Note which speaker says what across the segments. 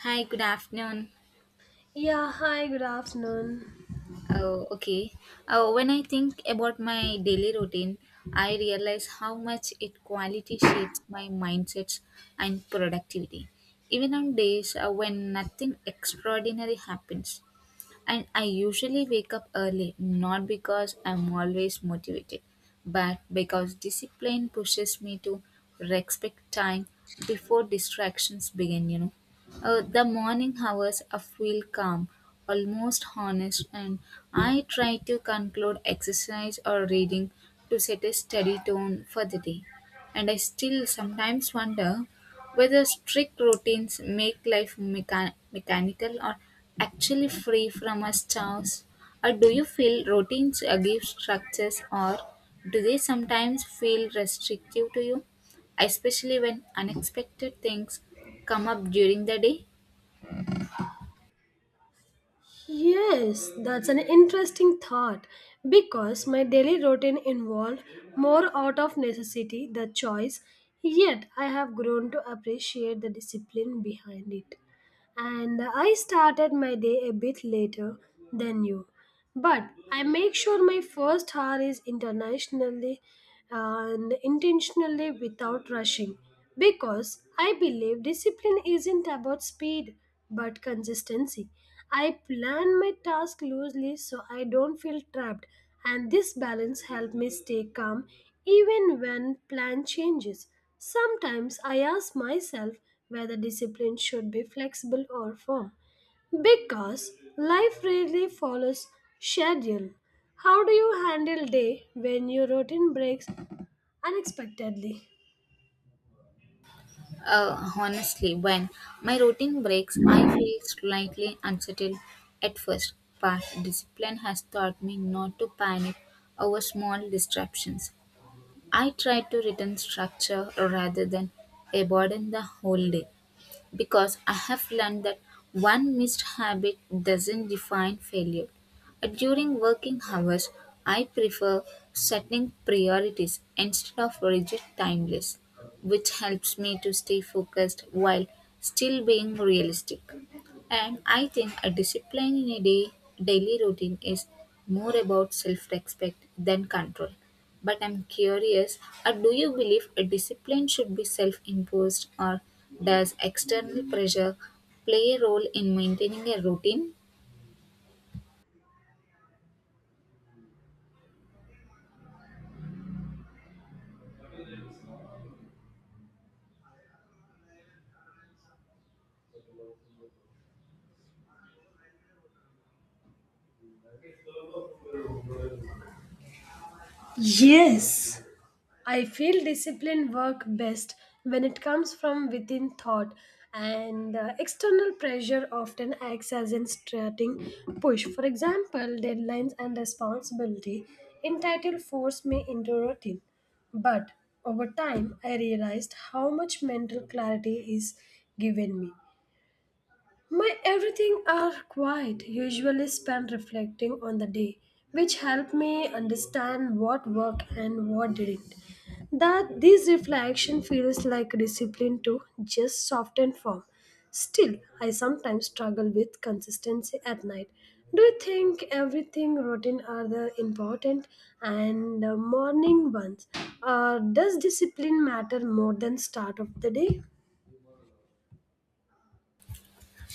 Speaker 1: Hi, good afternoon.
Speaker 2: Yeah, hi, good afternoon.
Speaker 1: Oh, okay. Oh, when I think about my daily routine, I realize how much it quality shapes my mindsets and productivity. Even on days when nothing extraordinary happens, And I usually wake up early, not because I'm always motivated, but because discipline pushes me to respect time before distractions begin, The morning hours I feel calm, almost honest, and I try to conclude exercise or reading to set a steady tone for the day. And I still sometimes wonder whether strict routines make life mechanical or actually free from us chores, or do you feel routines give structures or do they sometimes feel restrictive to you, especially when unexpected things come up during the day?
Speaker 2: Yes, that's an interesting thought because my daily routine involved more out of necessity than choice, yet I have grown to appreciate the discipline behind it. And I started my day a bit later than you, but I make sure my first hour is internationally and intentionally without rushing because I believe discipline isn't about speed but consistency. I plan my task loosely so I don't feel trapped, and this balance helps me stay calm even when plan changes. Sometimes I ask myself whether discipline should be flexible or firm because life rarely follows schedule. How do you handle day when your routine breaks unexpectedly?
Speaker 1: Honestly, when my routine breaks, I feel slightly unsettled at first, but discipline has taught me not to panic over small disruptions. I try to return structure rather than abandon the whole day because I have learned that one missed habit doesn't define failure. During working hours, I prefer setting priorities instead of rigid timeless, which helps me to stay focused while still being realistic. And I think a discipline in a day, daily routine is more about self respect than control. But I'm curious, do you believe a discipline should be self imposed or does external pressure play a role in maintaining a routine?
Speaker 2: Yes. I feel discipline work best when it comes from within thought and external pressure often acts as an starting push. For example, deadlines and responsibility entitle force me into routine. But over time, I realized how much mental clarity is given me. My everything are quiet, usually spent reflecting on the day, which helped me understand what worked and what didn't. That this reflection feels like discipline to just soften form. Still, I sometimes struggle with consistency at night. Do you think everything routine are the important and morning ones? Or does discipline matter more than start of the day?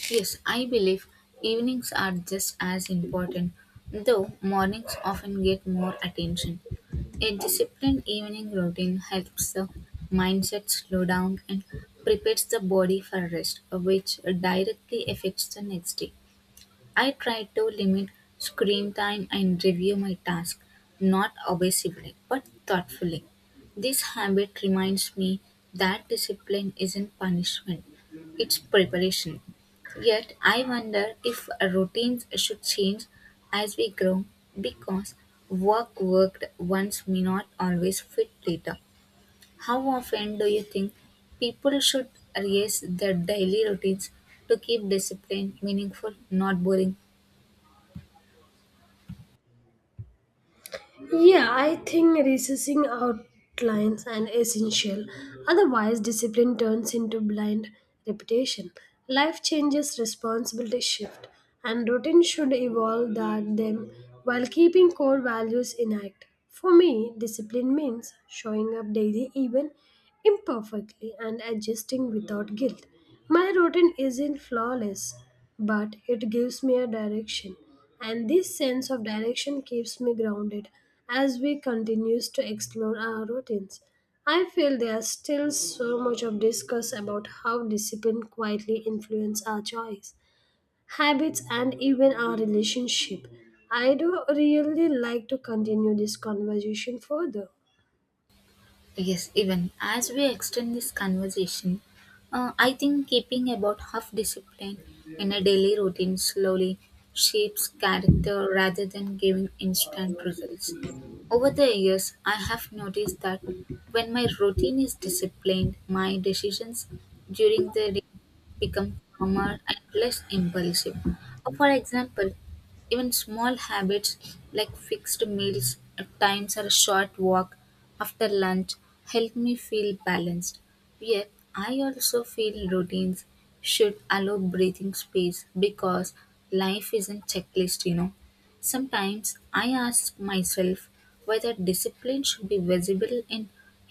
Speaker 1: Yes, I believe evenings are just as important, though mornings often get more attention. A disciplined evening routine helps the mindset slow down and prepares the body for rest, which directly affects the next day. I try to limit screen time and review my task, not obsessively but thoughtfully. This habit reminds me that discipline isn't punishment, it's preparation. Yet I wonder if routines should change as we grow because work worked once may not always fit later. How often do you think people should raise their daily routines to keep discipline meaningful, not boring?
Speaker 2: Yeah, I think recessing outlines an essential. Otherwise, discipline turns into blind repetition. Life changes, responsibilities shift, and routine should evolve that them while keeping core values intact. For me, discipline means showing up daily even imperfectly and adjusting without guilt. My routine isn't flawless, but it gives me a direction and this sense of direction keeps me grounded as we continues to explore our routines. I feel there's still so much of discuss about how discipline quietly influence our choice, habits, and even our relationship. I do really like to continue this conversation further.
Speaker 1: Yes, even as we extend this conversation, I think keeping about half discipline in a daily routine slowly shapes character rather than giving instant results. Over the years, I have noticed that when my routine is disciplined, my decisions during the day become calmer and less impulsive. For example, even small habits like fixed meals at times or a short walk after lunch help me feel balanced. Yet, I also feel routines should allow breathing space because life isn't checklist, Sometimes I ask myself whether discipline should be visible in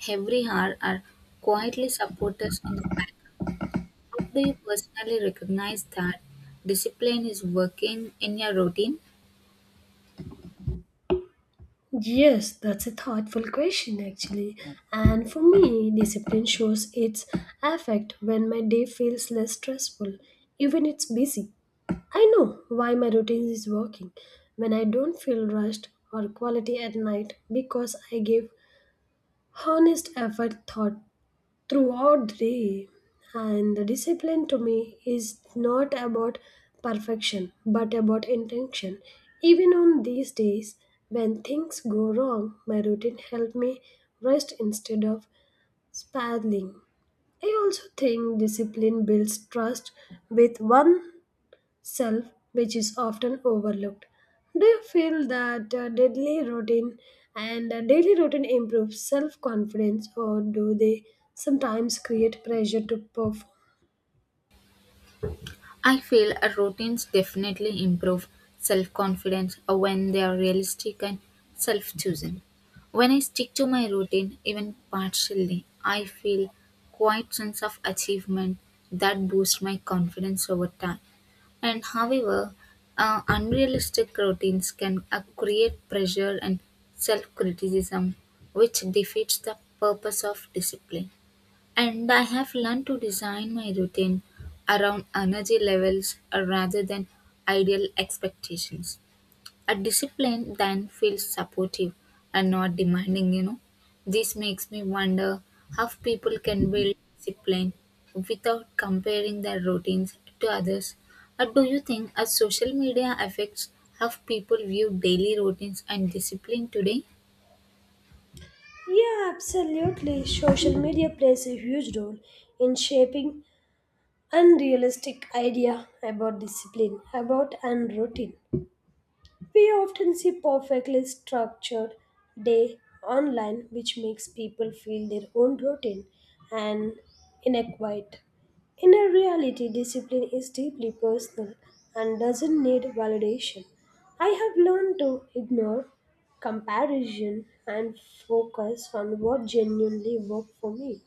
Speaker 1: every hour or quietly support us in the background. Do you personally recognize that discipline is working in your routine?
Speaker 2: Yes, that's a thoughtful question actually. And for me, discipline shows its effect when my day feels less stressful, even it's busy. I know why my routine is working when I don't feel rushed or quality at night because I give honest effort thought throughout the day. And the discipline to me is not about perfection but about intention. Even on these days when things go wrong, my routine helps me rest instead of spiraling. I also think discipline builds trust with one self, which is often overlooked. Do you feel that daily routine and daily routine improves self confidence, or do they sometimes create pressure to perform?
Speaker 1: I feel routines definitely improve self confidence when they are realistic and self chosen. When I stick to my routine, even partially, I feel quite sense of achievement that boosts my confidence over time. And however, unrealistic routines can create pressure and self criticism, which defeats the purpose of discipline. And I have learned to design my routine around energy levels rather than ideal expectations. A discipline then feels supportive and not demanding, This makes me wonder how people can build discipline without comparing their routines to others. Or do you think a social media affects how people view daily routines and discipline today?
Speaker 2: Yeah, absolutely. Social media plays a huge role in shaping unrealistic idea about discipline, about and routine. We often see perfectly structured day online, which makes people feel their own routine and inadequate. In a reality, discipline is deeply personal and doesn't need validation. I have learned to ignore comparison and focus on what genuinely worked for me.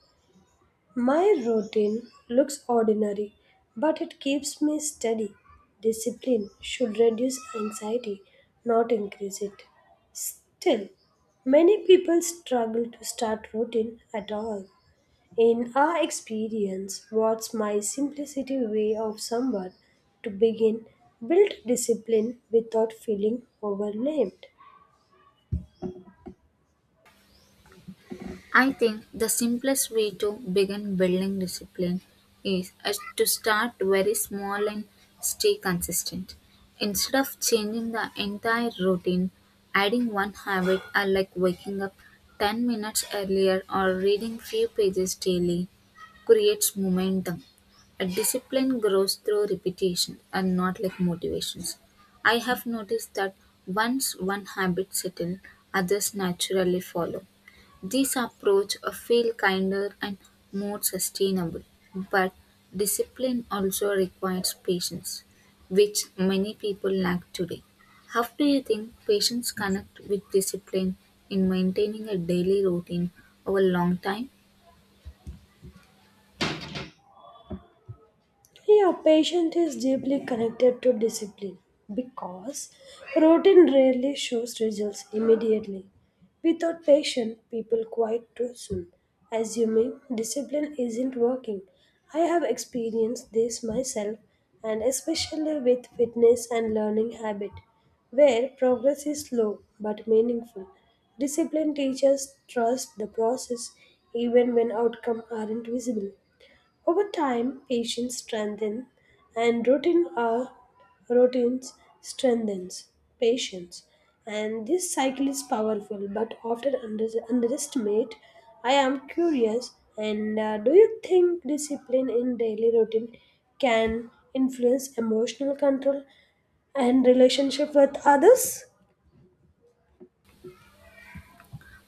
Speaker 2: My routine looks ordinary, but it keeps me steady. Discipline should reduce anxiety, not increase it. Still, many people struggle to start routine at all. In our experience, what's my simplicity way of someone to begin build discipline without feeling overwhelmed?
Speaker 1: I think the simplest way to begin building discipline is as to start very small and stay consistent. Instead of changing the entire routine, adding one habit or like waking up 10 minutes earlier or reading few pages daily creates momentum. A discipline grows through repetition and not like motivations. I have noticed that once one habit settles, others naturally follow. This approach feels kinder and more sustainable, but discipline also requires patience, which many people lack today. How do you think patients connect with discipline in maintaining a daily routine over a long time?
Speaker 2: Yeah, patience is deeply connected to discipline because routine rarely shows results immediately. Without patience, people quit too soon, assuming discipline isn't working. I have experienced this myself, and especially with fitness and learning habit, where progress is slow but meaningful. Discipline teaches trust the process even when outcomes aren't visible. Over time, patience strengthens and routines strengthens patience. And this cycle is powerful but often underestimated. I am curious and do you think discipline in daily routine can influence emotional control and relationship with others?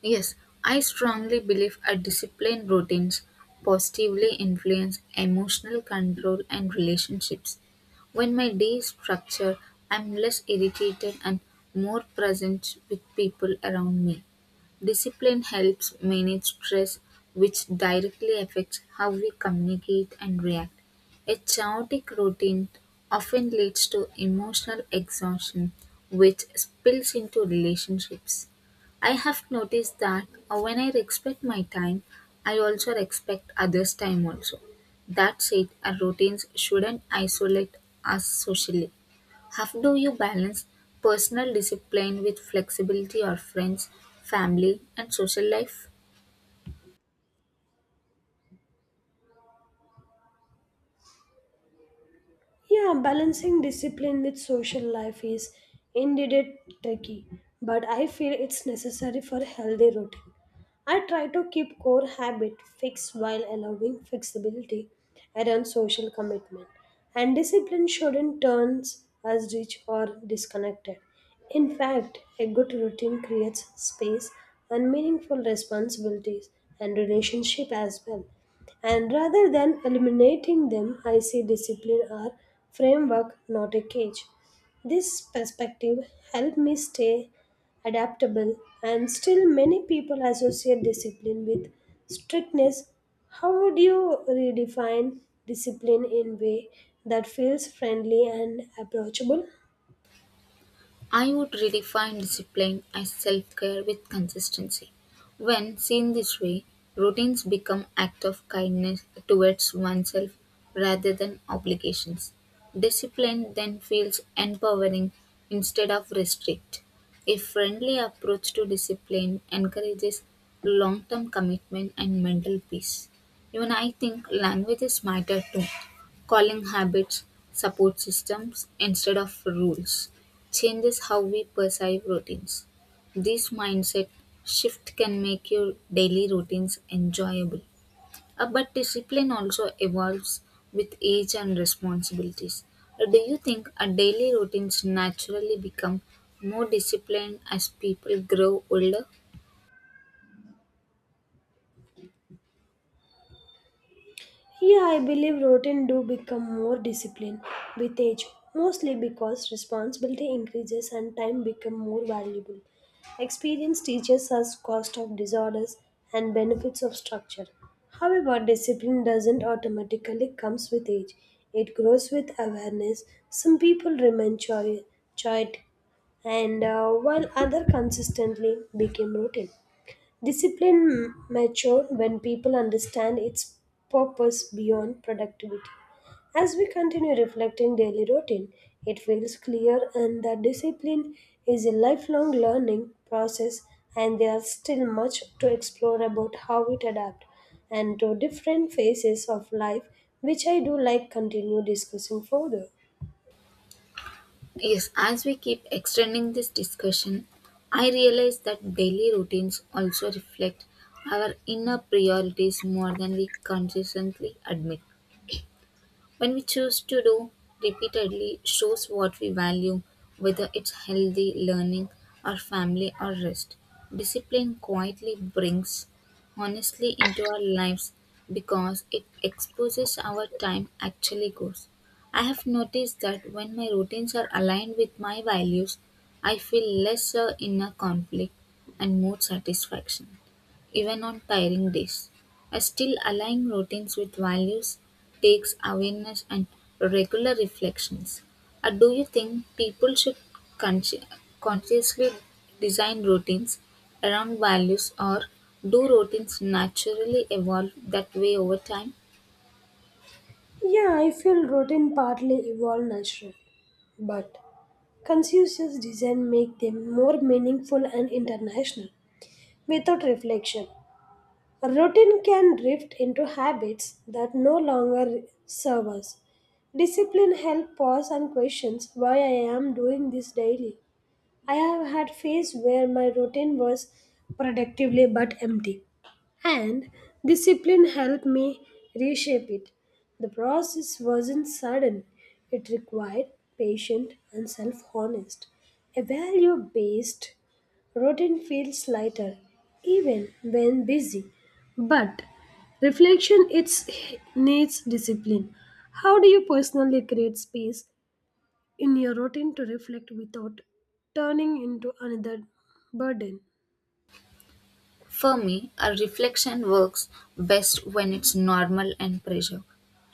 Speaker 1: Yes, I strongly believe a disciplined routines positively influence emotional control and relationships. When my day is structured, I'm less irritated and more present with people around me. Discipline helps manage stress, which directly affects how we communicate and react. A chaotic routine often leads to emotional exhaustion, which spills into relationships. I have noticed that when I respect my time, I also respect others' time also. That said, our routines shouldn't isolate us socially. How do you balance personal discipline with flexibility or friends, family and social life?
Speaker 2: Yeah, balancing discipline with social life is indeed tricky, but I feel it's necessary for a healthy routine. I try to keep core habit fixed while allowing flexibility around social commitment. And discipline shouldn't turn us rich or disconnected. In fact, a good routine creates space and meaningful responsibilities and relationship as well. And rather than eliminating them, I see discipline or framework, not a cage. This perspective helped me stay adaptable and still many people associate discipline with strictness. How would you redefine discipline in way that feels friendly and approachable?
Speaker 1: I would redefine discipline as self care with consistency. When seen this way, routines become acts of kindness towards oneself rather than obligations. Discipline then feels empowering instead of restrict. A friendly approach to discipline encourages long term commitment and mental peace. Even I think languages matter too. Calling habits support systems instead of rules changes how we perceive routines. This mindset shift can make your daily routines enjoyable. But discipline also evolves with age and responsibilities. Do you think our daily routines naturally become more disciplined as people grow older?
Speaker 2: Here, I believe routine do become more disciplined with age, mostly because responsibility increases and time become more valuable. Experience teaches us cost of disorders and benefits of structure. However, discipline doesn't automatically comes with age. It grows with awareness. Some people remain choit, and while other consistently became routine. Discipline mature when people understand its purpose beyond productivity. As we continue reflecting daily routine, it feels clear and that discipline is a lifelong learning process and there is still much to explore about how it adapts and to different phases of life which I do like continue discussing further.
Speaker 1: Yes, as we keep extending this discussion, I realize that daily routines also reflect our inner priorities more than we consistently admit. When we choose to do repeatedly shows what we value, whether it's healthy, learning, or family or rest. Discipline quietly brings honestly into our lives because it exposes our time actually goes. I have noticed that when my routines are aligned with my values, I feel lesser inner conflict and more satisfaction even on tiring days. I still align routines with values takes awareness and regular reflections. Do you think people should consci- consciously design routines around values or do routines naturally evolve that way over time?
Speaker 2: Yeah, I feel routine partly evolve naturally, but conscious design make them more meaningful and international. Without reflection, routine can drift into habits that no longer serve us. Discipline helps pause and questions why I am doing this daily. I have had phases where my routine was productively but empty, and discipline helped me reshape it. The process wasn't sudden; it required patient and self-honest. A value-based routine feels lighter, even when busy. But reflection it's needs discipline. How do you personally create space in your routine to reflect without turning into another burden?
Speaker 1: For me, a reflection works best when it's normal and pressure.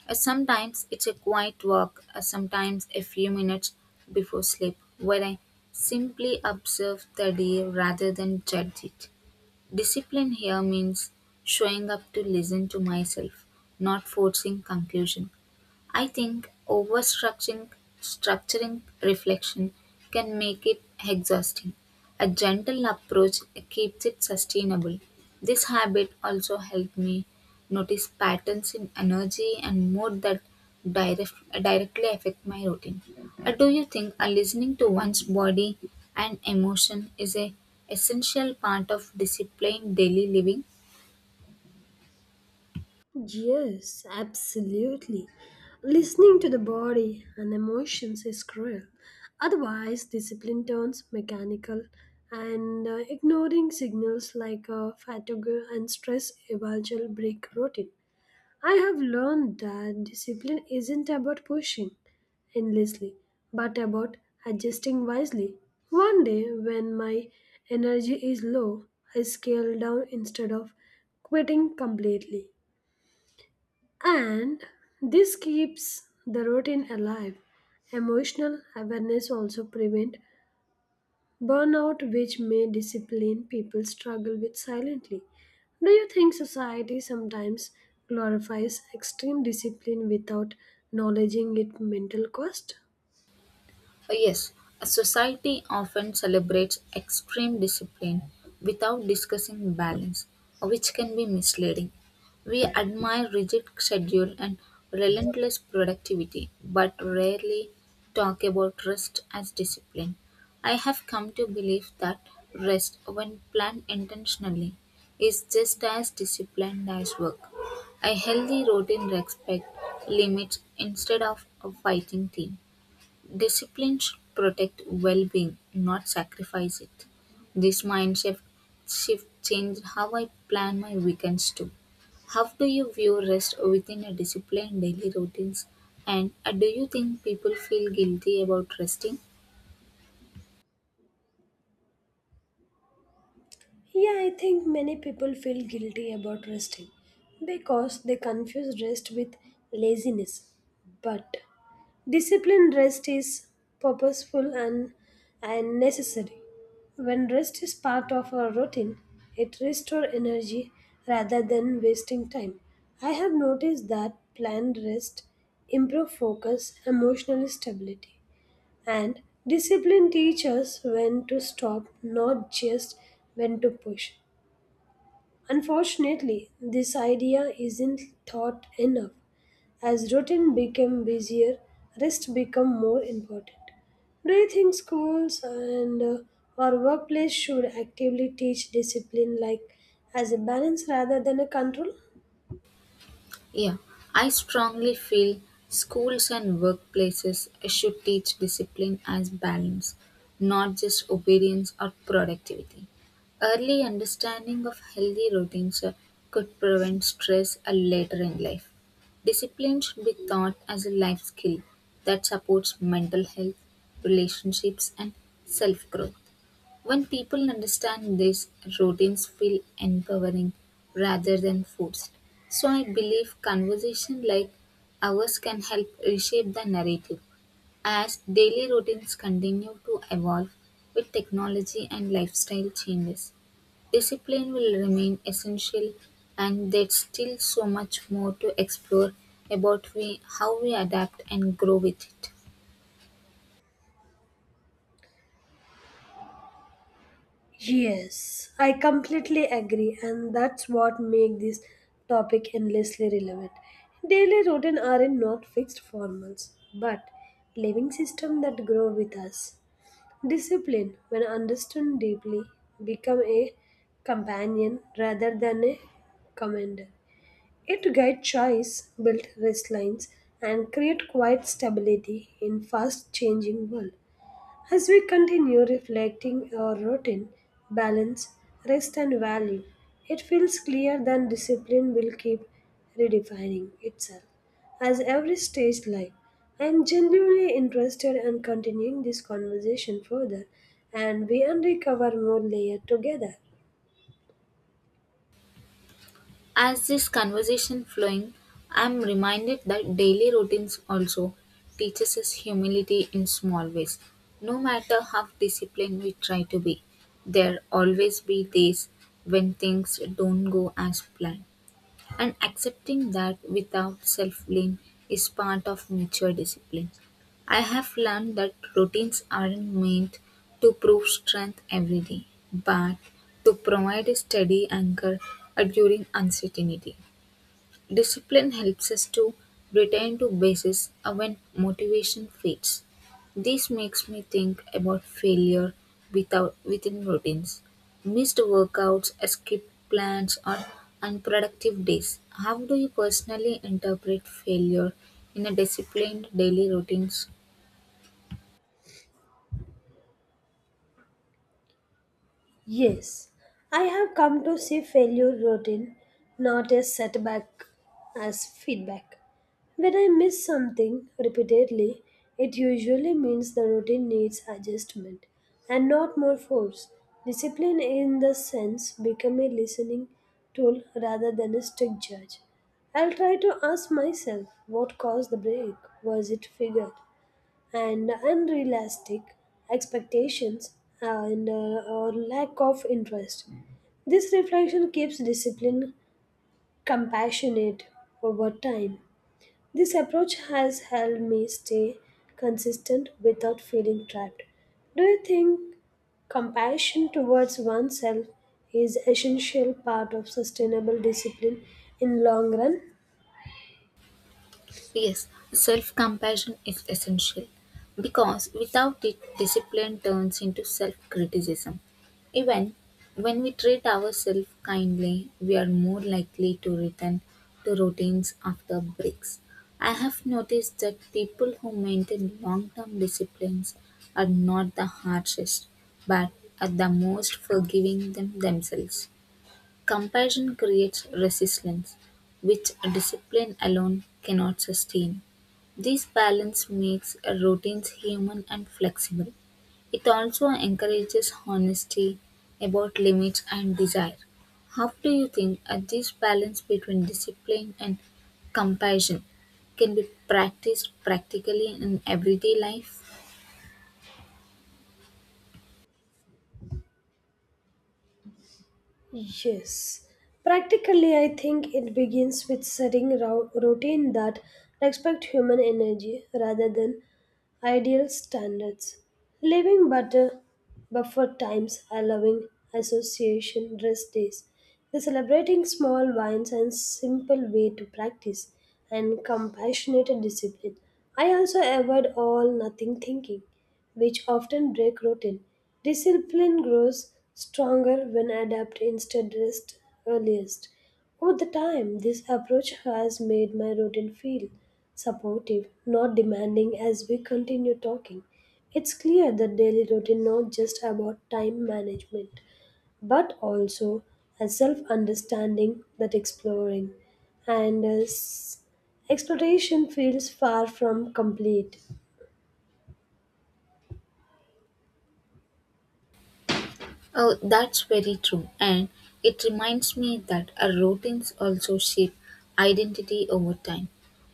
Speaker 1: Sometimes it's a quiet walk, sometimes a few minutes before sleep, where I simply observe the day rather than judge it. Discipline here means showing up to listen to myself, not forcing conclusion. I think overstructuring structuring reflection can make it exhausting. A gentle approach keeps it sustainable. This habit also helped me notice patterns in energy and mood that direct, directly affect my routine. Or do you think a listening to one's body and emotion is a essential part of disciplined daily living?
Speaker 2: Yes, absolutely. Listening to the body and emotions is cruel. Otherwise, discipline turns mechanical, and ignoring signals like fatigue and stress eventually break routine. I have learned that discipline isn't about pushing endlessly, but about adjusting wisely. One day, when my energy is low, I scale down instead of quitting completely. And this keeps the routine alive. Emotional awareness also prevent burnout, which may discipline people struggle with silently. Do you think society sometimes glorifies extreme discipline without acknowledging its mental cost?
Speaker 1: Yes, a society often celebrates extreme discipline without discussing balance, which can be misleading. We admire rigid schedule and relentless productivity, but rarely talk about rest as discipline. I have come to believe that rest, when planned intentionally, is just as disciplined as work. A healthy routine respects limits instead of a fighting team. Discipline should protect well being, not sacrifice it. This mindset shift changed how I plan my weekends too. How do you view rest within a disciplined daily routines? And do you think people feel guilty about resting?
Speaker 2: Yeah, I think many people feel guilty about resting because they confuse rest with laziness. But disciplined rest is purposeful and necessary. When rest is part of our routine, it restores energy rather than wasting time. I have noticed that planned rest improve focus, emotional stability, and discipline teaches when to stop, not just when to push. Unfortunately, this idea isn't taught enough. As routine became busier, rest become more important. Do you think schools and or workplace should actively teach discipline like as a balance rather than a control?
Speaker 1: Yeah, I strongly feel schools and workplaces should teach discipline as balance, not just obedience or productivity. Early understanding of healthy routines could prevent stress later in life. Discipline should be taught as a life skill that supports mental health, relationships, and self growth. When people understand this, routines feel empowering rather than forced. So I believe conversation like ours can help reshape the narrative as daily routines continue to evolve with technology and lifestyle changes. Discipline will remain essential and there's still so much more to explore about we, how we adapt and grow with it.
Speaker 2: Yes, I completely agree, and that's what makes this topic endlessly relevant. Daily routine are not fixed formals, but living systems that grow with us. Discipline, when understood deeply, become a companion rather than a commander. It guides choice, builds risk lines, and create quiet stability in fast-changing world. As we continue reflecting our routine, balance, rest and value, it feels clear that discipline will keep redefining itself as every stage life. I am genuinely interested in continuing this conversation further and we uncover more layer together.
Speaker 1: As this conversation flowing, I'm reminded that daily routines also teaches us humility in small ways. No matter how disciplined we try to be, there always be days when things don't go as planned and accepting that without self blame is part of mature discipline. I have learned that routines aren't meant to prove strength every day, but to provide a steady anchor during uncertainty. Discipline helps us to return to basis when motivation fades. This makes me think about failure without within routines. Missed workouts, skipped plans, or unproductive days. How do you personally interpret failure in a disciplined daily routine?
Speaker 2: Yes, I have come to see failure routine not as setback, as feedback. When I miss something repeatedly, it usually means the routine needs adjustment and not more force. Discipline in the sense become a listening tool rather than a strict judge. I'll try to ask myself what caused the break. Was it figured? And unrealistic expectations and or lack of interest. This reflection keeps discipline compassionate over time. This approach has helped me stay consistent without feeling trapped. Do you think compassion towards oneself is essential part of sustainable discipline in long run?
Speaker 1: Yes, self compassion is essential because without it, discipline turns into self criticism. Even when we treat ourselves kindly, we are more likely to return to routines after breaks. I have noticed that people who maintain long term disciplines are not the harshest, but are the most forgiving them themselves. Compassion creates resilience, which discipline alone cannot sustain. This balance makes routines human and flexible. It also encourages honesty about limits and desire. How do you think this balance between discipline and compassion can be practiced practically in everyday life?
Speaker 2: Yes. Practically, I think it begins with setting routine that respect human energy rather than ideal standards. Leaving butter buffer times, allowing association rest days. The celebrating small wines and simple way to practice and compassionate discipline. I also avoid all nothing thinking which often break routine. Discipline grows stronger when adapted instead rest earliest. Over the time, this approach has made my routine feel supportive, not demanding as we continue talking. It's clear that daily routine not just about time management, but also a self-understanding that exploring and as exploration feels far from complete.
Speaker 1: Oh, that's very true. And it reminds me that our routines also shape identity over time.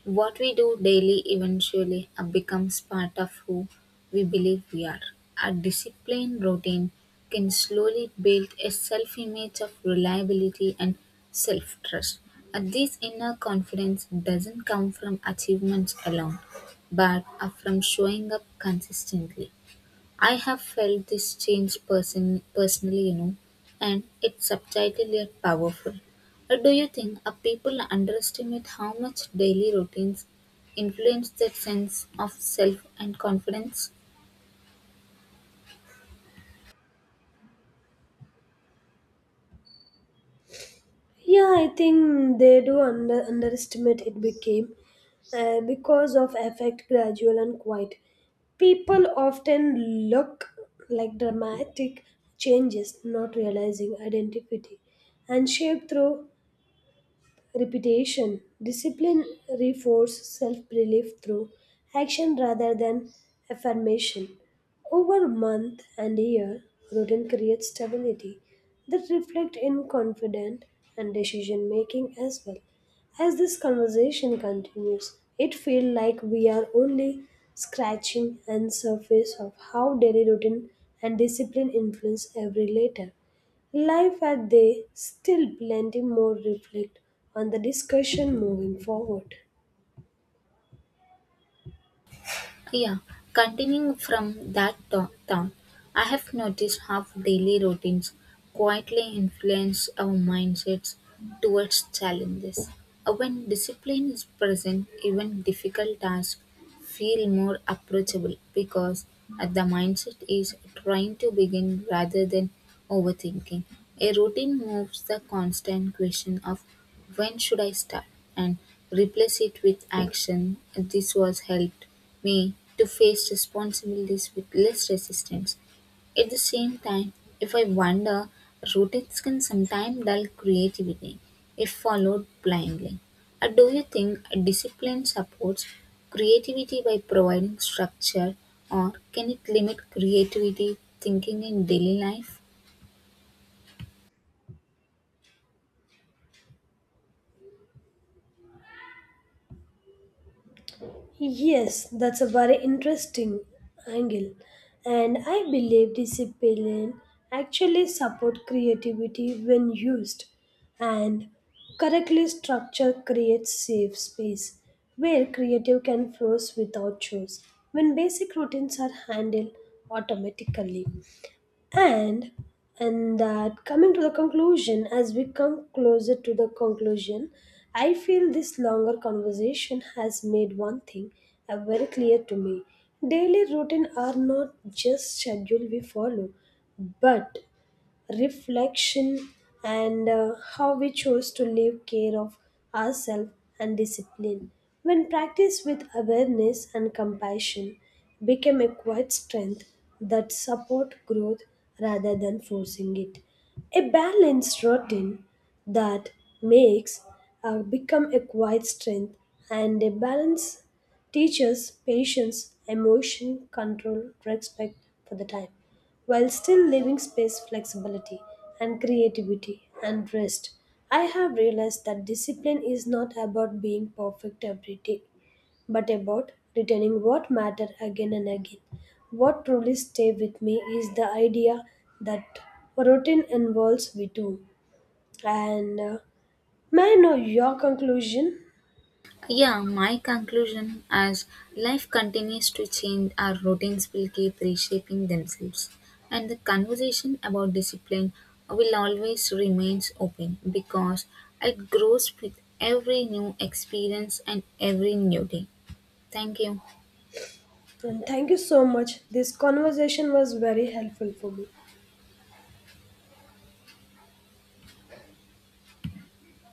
Speaker 1: What we do daily eventually becomes part of who we believe we are. A disciplined routine can slowly build a self image of reliability and self trust. And this inner confidence doesn't come from achievements alone, but from showing up consistently. I have felt this change personally, and it's subtle yet powerful. Do you think people underestimate how much daily routines influence their sense of self and confidence?
Speaker 2: Yeah, I think they do underestimate it became because of effect gradual and quiet. People often look like dramatic changes, not realizing identity and shape through repetition. Discipline reinforces self belief through action rather than affirmation. Over month and year, routine creates stability that reflects in confidence and decision making as well. As this conversation continues, it feels like we are only scratching and surface of how daily routine and discipline influence every later. Life at they still plenty more reflect on the discussion moving forward.
Speaker 1: Yeah, continuing from that town, I have noticed how daily routines quietly influence our mindsets towards challenges. When discipline is present, even difficult tasks feel more approachable because the mindset is trying to begin rather than overthinking. A routine moves the constant question of when should I start and replace it with action. This was helped me to face responsibilities with less resistance. At the same time, if I wander, routines can sometimes dull creativity if followed blindly. Or do you think a discipline supports creativity by providing structure, or can it limit creativity thinking in daily life?
Speaker 2: Yes, that's a very interesting angle, and I believe discipline actually support creativity when used, and correctly structure creates safe space where creative can flow without choice when basic routines are handled automatically. and and that coming to the conclusion as we come closer to the conclusion, I feel this longer conversation has made one thing very clear to me. Daily routine are not just schedule we follow, but reflection and how we chose to live care of ourselves. And discipline when practiced with awareness and compassion became a quiet strength that support growth rather than forcing it. A balanced routine that makes become a quiet strength and a balance teaches patience, emotion, control, respect for the time, while still leaving space flexibility and creativity and rest. I have realized that discipline is not about being perfect every day, but about returning what matter again and again. What truly stay with me is the idea that routine involves we too. And may I know your conclusion?
Speaker 1: Yeah, my conclusion as life continues to change, our routines will keep reshaping themselves, and the conversation about discipline will always remains open because it grows with every new experience and every new day. Thank you.
Speaker 2: And thank you so much. This conversation was very helpful for me.